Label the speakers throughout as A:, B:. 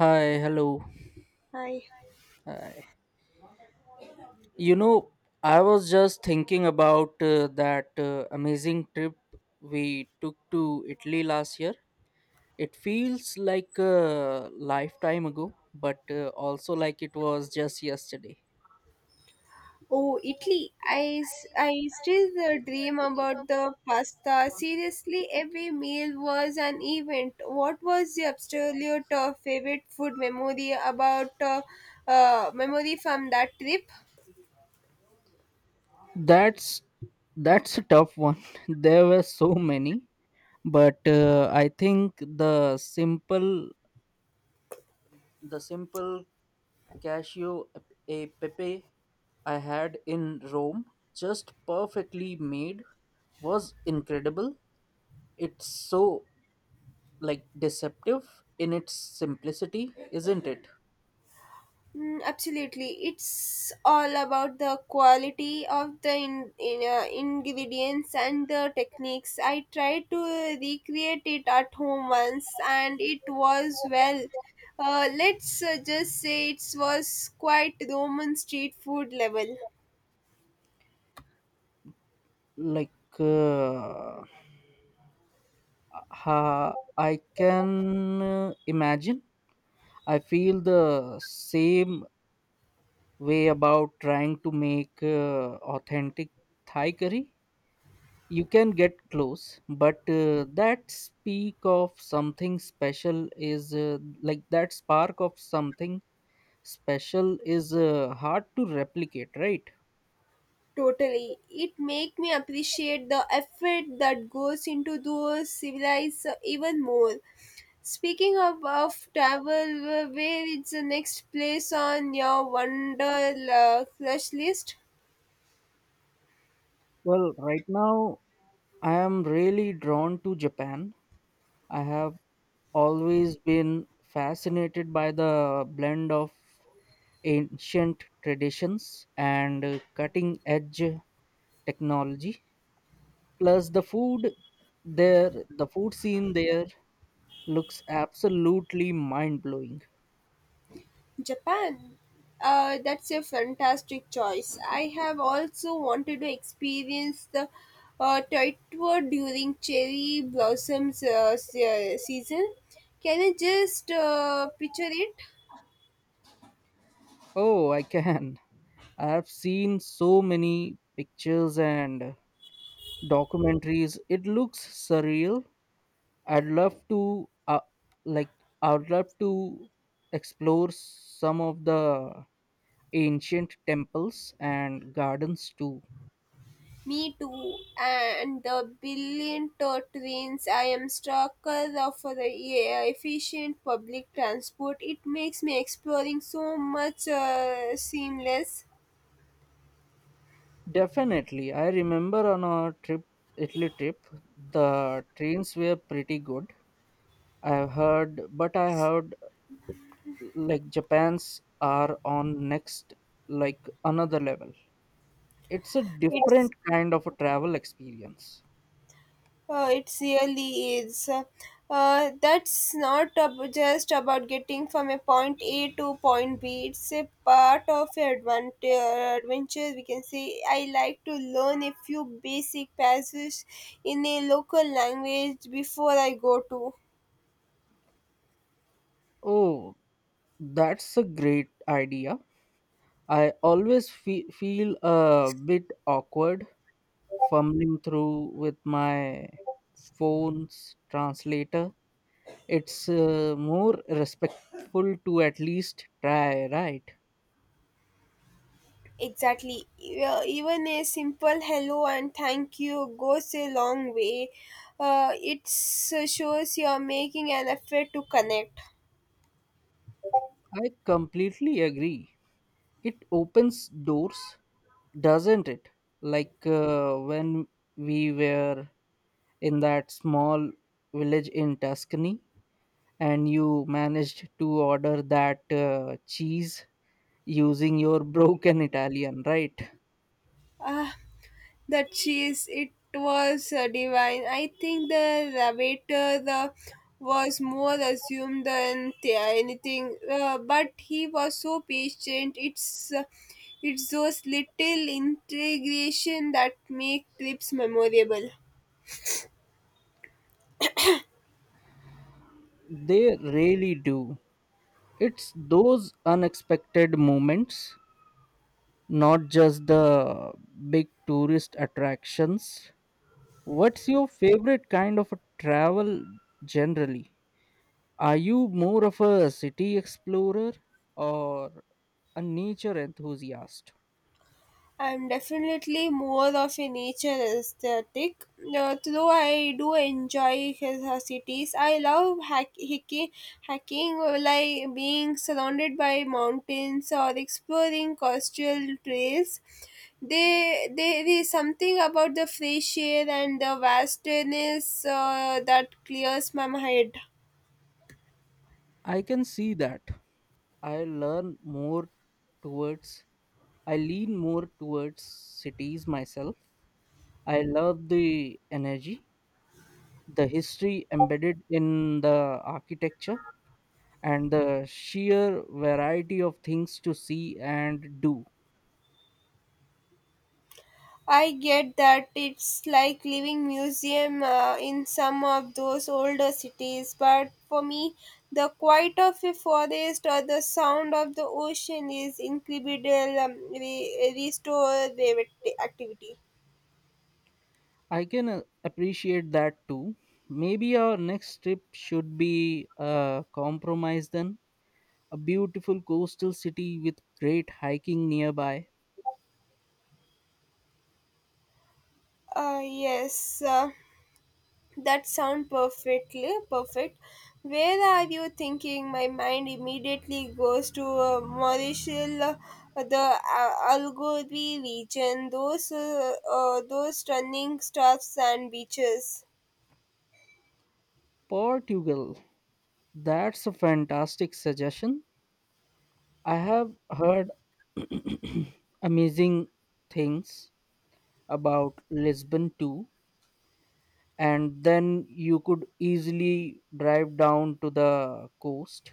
A: Hi, hello.
B: Hi.
A: Hi. You know, I was just thinking about that amazing trip we took to Italy last year. It feels like a lifetime ago, but also like it was just yesterday.
B: Oh, Italy. I still dream about the pasta. Seriously, every meal was an event. What was your absolute favorite food memory about memory from that trip?
A: That's that's a tough one. There were so many, but I think the simple cashew a pepe I had in Rome, just perfectly made, was incredible. It's so like deceptive in its simplicity, isn't it?
B: Mm, absolutely. It's all about the quality of the ingredients and the techniques. I tried to recreate it at home once and it was, well, let's just say it was quite Roman street food level.
A: Like, uh, I can imagine. I feel the same way about trying to make authentic Thai curry. You can get close, but that speak of something special is like that spark of something special is hard to replicate, right?
B: Totally. It make me appreciate the effort that goes into those civilized even more. Speaking of travel, where is the next place on your wonder crush list?
A: Well, right now I am really drawn to Japan. I have always been fascinated by the blend of ancient traditions and cutting edge technology plus there the food scene there looks absolutely mind blowing.
B: Japan. That's a fantastic choice. I have also wanted to experience the Tokyo during cherry blossoms season. Can you just picture it?
A: Oh, I can. I've seen so many pictures and documentaries. It looks surreal. I'd love to uh, like I'd love to explore some of the ancient temples and gardens too.
B: Me too. And the trains. I am stalker of the efficient public transport. It makes me exploring so much seamless.
A: Definitely. I remember on our trip Italy trip the trains were pretty good. I heard like Japan's are on next like another level. It's a different
B: It's
A: kind of a travel experience.
B: it really is. That's not just about getting from a point A to point B. It's a part of your adventure. We can say I like to learn a few basic passages in a local language before I go to.
A: Oh, that's a great idea. I always feel a bit awkward fumbling through with my phone's translator. It's more respectful to at least try, right?
B: Exactly. Even a simple hello and thank you goes a long way. It shows you're making an effort to connect.
A: I completely agree. It opens doors, doesn't it? Like when we were in that small village in Tuscany and you managed to order that cheese using your broken Italian, right?
B: Uh, the cheese it was divine. I think the waiter the was more assumed than anything, but he was so patient. It's those little integration that make trips memorable.
A: They really do. It's those unexpected moments, not just the big tourist attractions. What's your favorite kind of a travel generally? Are you more of a city explorer or a nature enthusiast?
B: I'm definitely more of a nature aesthetic. Though I do enjoy cities, I love hiking, hacking, like being surrounded by mountains or exploring coastal trails. There is something about the fresh air and the vastness that clears my head.
A: I can see that. I learn more towards, I lean more towards cities myself. I love the energy, the history embedded in the architecture, and the sheer variety of things to see and do.
B: I get that it's like living museum in some of those older cities, but for me, the quiet of a forest or the sound of the ocean is incredible restorative activity.
A: I can appreciate that too. Maybe our next trip should be a compromise then, a beautiful coastal city with great hiking nearby.
B: Yes. That sound perfectly perfect. Where are you thinking? My mind immediately goes to Mauritius, the Algarve region. Those stunning stuffs and beaches.
A: Portugal. That's a fantastic suggestion. I have heard amazing things about Lisbon too. And then you could easily drive down to the coast.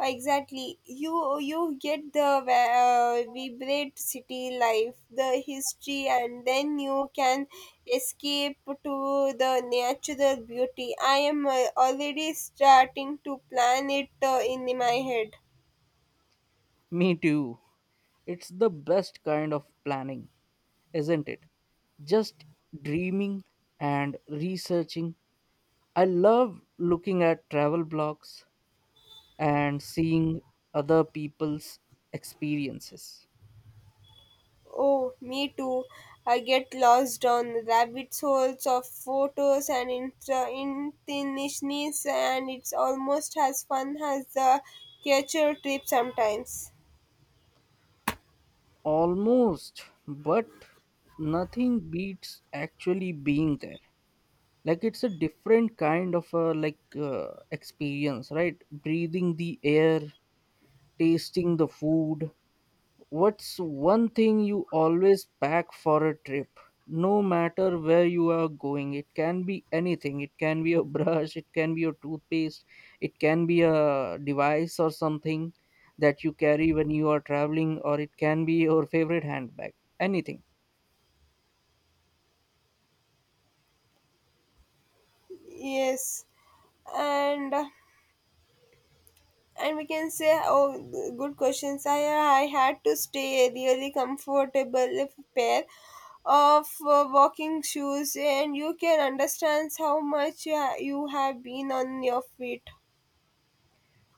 B: Exactly. You get the vibrant city life, the history, and then you can escape to the natural beauty. I am already starting to plan it in my head.
A: Me too. It's the best kind of planning, isn't it? Just dreaming and researching. I love looking at travel blogs and seeing other people's experiences.
B: Oh, me too. I get lost on rabbit holes of photos and internationals, and it's almost as fun as the catcher trip sometimes.
A: Almost, but nothing beats actually being there. Like it's a different kind of a experience, right? Breathing the air, tasting the food. What's one thing you always pack for a trip? No matter where you are going, it can be anything. It can be a brush, it can be a toothpaste, it can be a device or something that you carry when you are traveling, or it can be your favorite handbag. Anything.
B: Yes. and and we can say oh, good questions. I had to stay really comfortable if pair of walking shoes and you can understand how much you have been on your feet.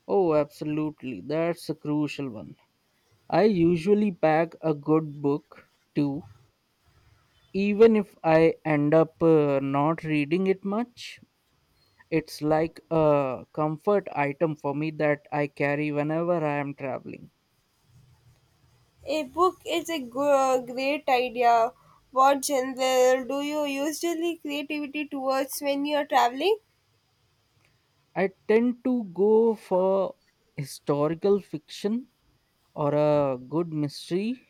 A: Oh, absolutely. That's a crucial one. I usually pack a good book too, even if I end up not reading it much. It's like a comfort item for me that I carry whenever I am traveling.
B: A book is a great idea. What genre do you usually creativity towards when you are traveling?
A: I tend to go for historical fiction or a good mystery,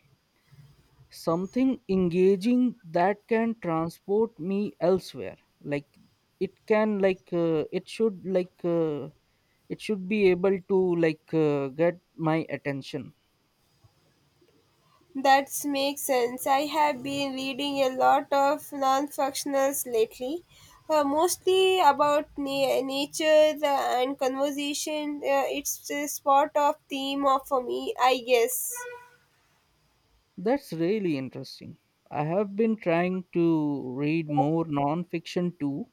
A: something engaging that can transport me elsewhere. Like it can like it should like It should be able to get my attention.
B: That makes sense. I have been reading a lot of non-fictionals lately, mostly about nature and conversation. It's a spot of theme for me, I guess.
A: That's really interesting. I have been trying to read more non-fiction too,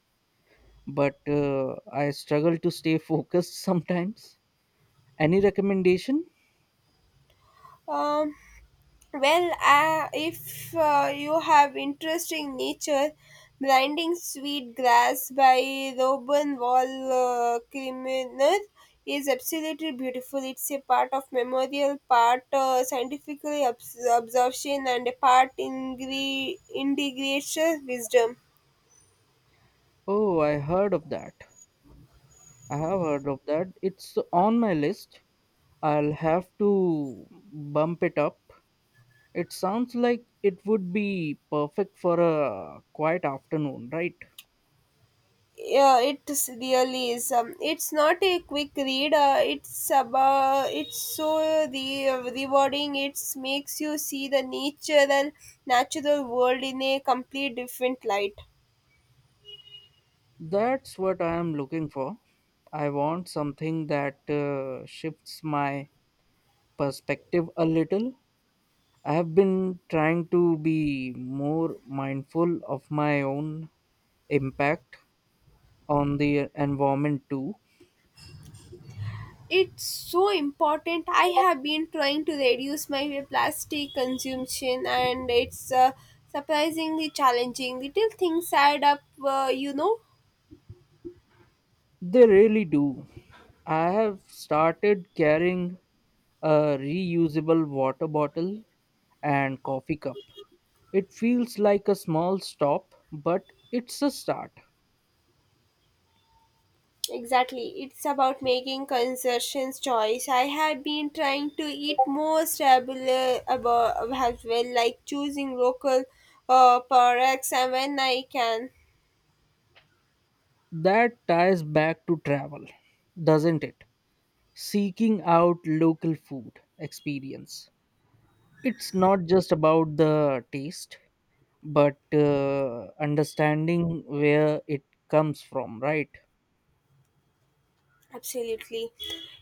A: but I struggle to stay focused sometimes. Any recommendation?
B: Um, well, if you have interest in nature, Blinding Sweet Grass by Robin Wall Criminal is absolutely beautiful. It's a part of memorial, part scientifically observation, and a part integration wisdom.
A: Oh, I heard of that. I have heard of that. It's on my list. I'll have to bump it up. It sounds like it would be perfect for a quiet afternoon, right?
B: Yeah, it is really is. It's not a quick read, it's about it's so the rewarding. It makes you see the nature and natural world in a complete different light.
A: That's what I am looking for. I want something that shifts my perspective a little. I have been trying to be more mindful of my own impact on the environment too.
B: It's so important. I have been trying to reduce my plastic consumption and it's surprisingly challenging. Little things add up, you know.
A: They really do. I have started carrying a reusable water bottle and coffee cup. It feels like a small stop, but it's a start.
B: Exactly. It's about making conscious choice. I have been trying to eat more stable about as well, like choosing local products and when I can.
A: That ties back to travel, doesn't it? Seeking out local food experience. It's not just about the taste, but understanding where it comes from, right?
B: Absolutely.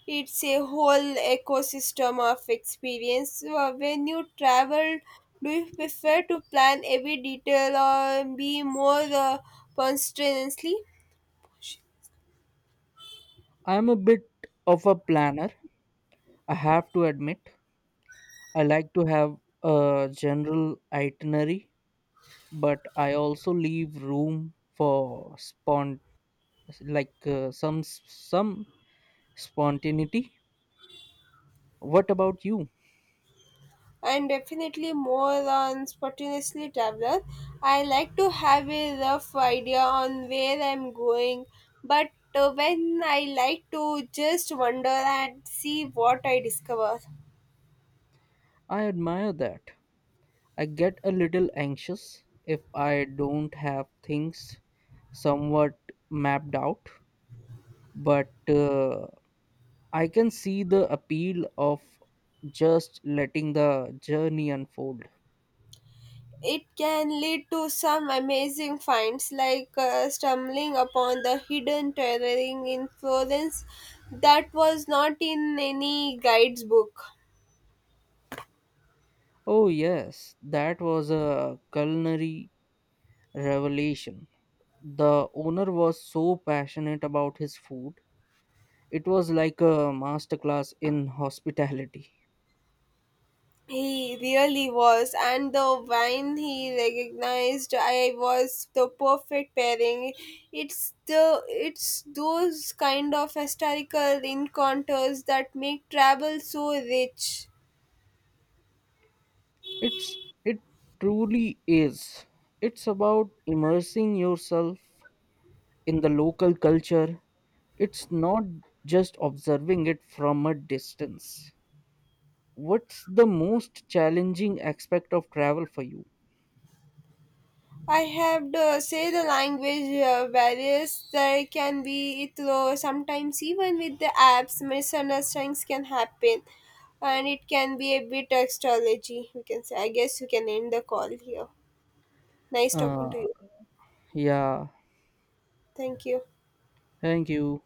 B: It's a whole ecosystem of experience. So, when you travel, do you prefer to plan every detail or be more constantly?
A: I'm a bit of a planner, I have to admit. I like to have a general itinerary, but I also leave room for spont like some spontaneity. What about you?
B: And definitely more on spontaneously traveler. I like to have a rough idea on where I'm going, but when I like to just wander and see what I discover.
A: I admire that. I get a little anxious if I don't have things somewhat mapped out, but I can see the appeal of just letting the journey unfold.
B: It can lead to some amazing finds like stumbling upon the hidden terrain in Florence that was not in any guide's book.
A: Oh, yes, that was a culinary revelation. The owner was so passionate about his food, it was like a masterclass in hospitality.
B: He really was, and the wine he recognized, I was the perfect pairing. It's those kind of historical encounters that make travel so rich.
A: It's it truly is. It's about immersing yourself in the local culture. It's not just observing it from a distance. What's the most challenging aspect of travel for you?
B: I have to say the language barriers there can be through sometimes. Even with the apps, misunderstandings can happen, and it can be a bit astrology. We can say I guess we can end the call here. Nice talking
A: Uh,
B: to you.
A: yeah.
B: Thank you.
A: Thank you.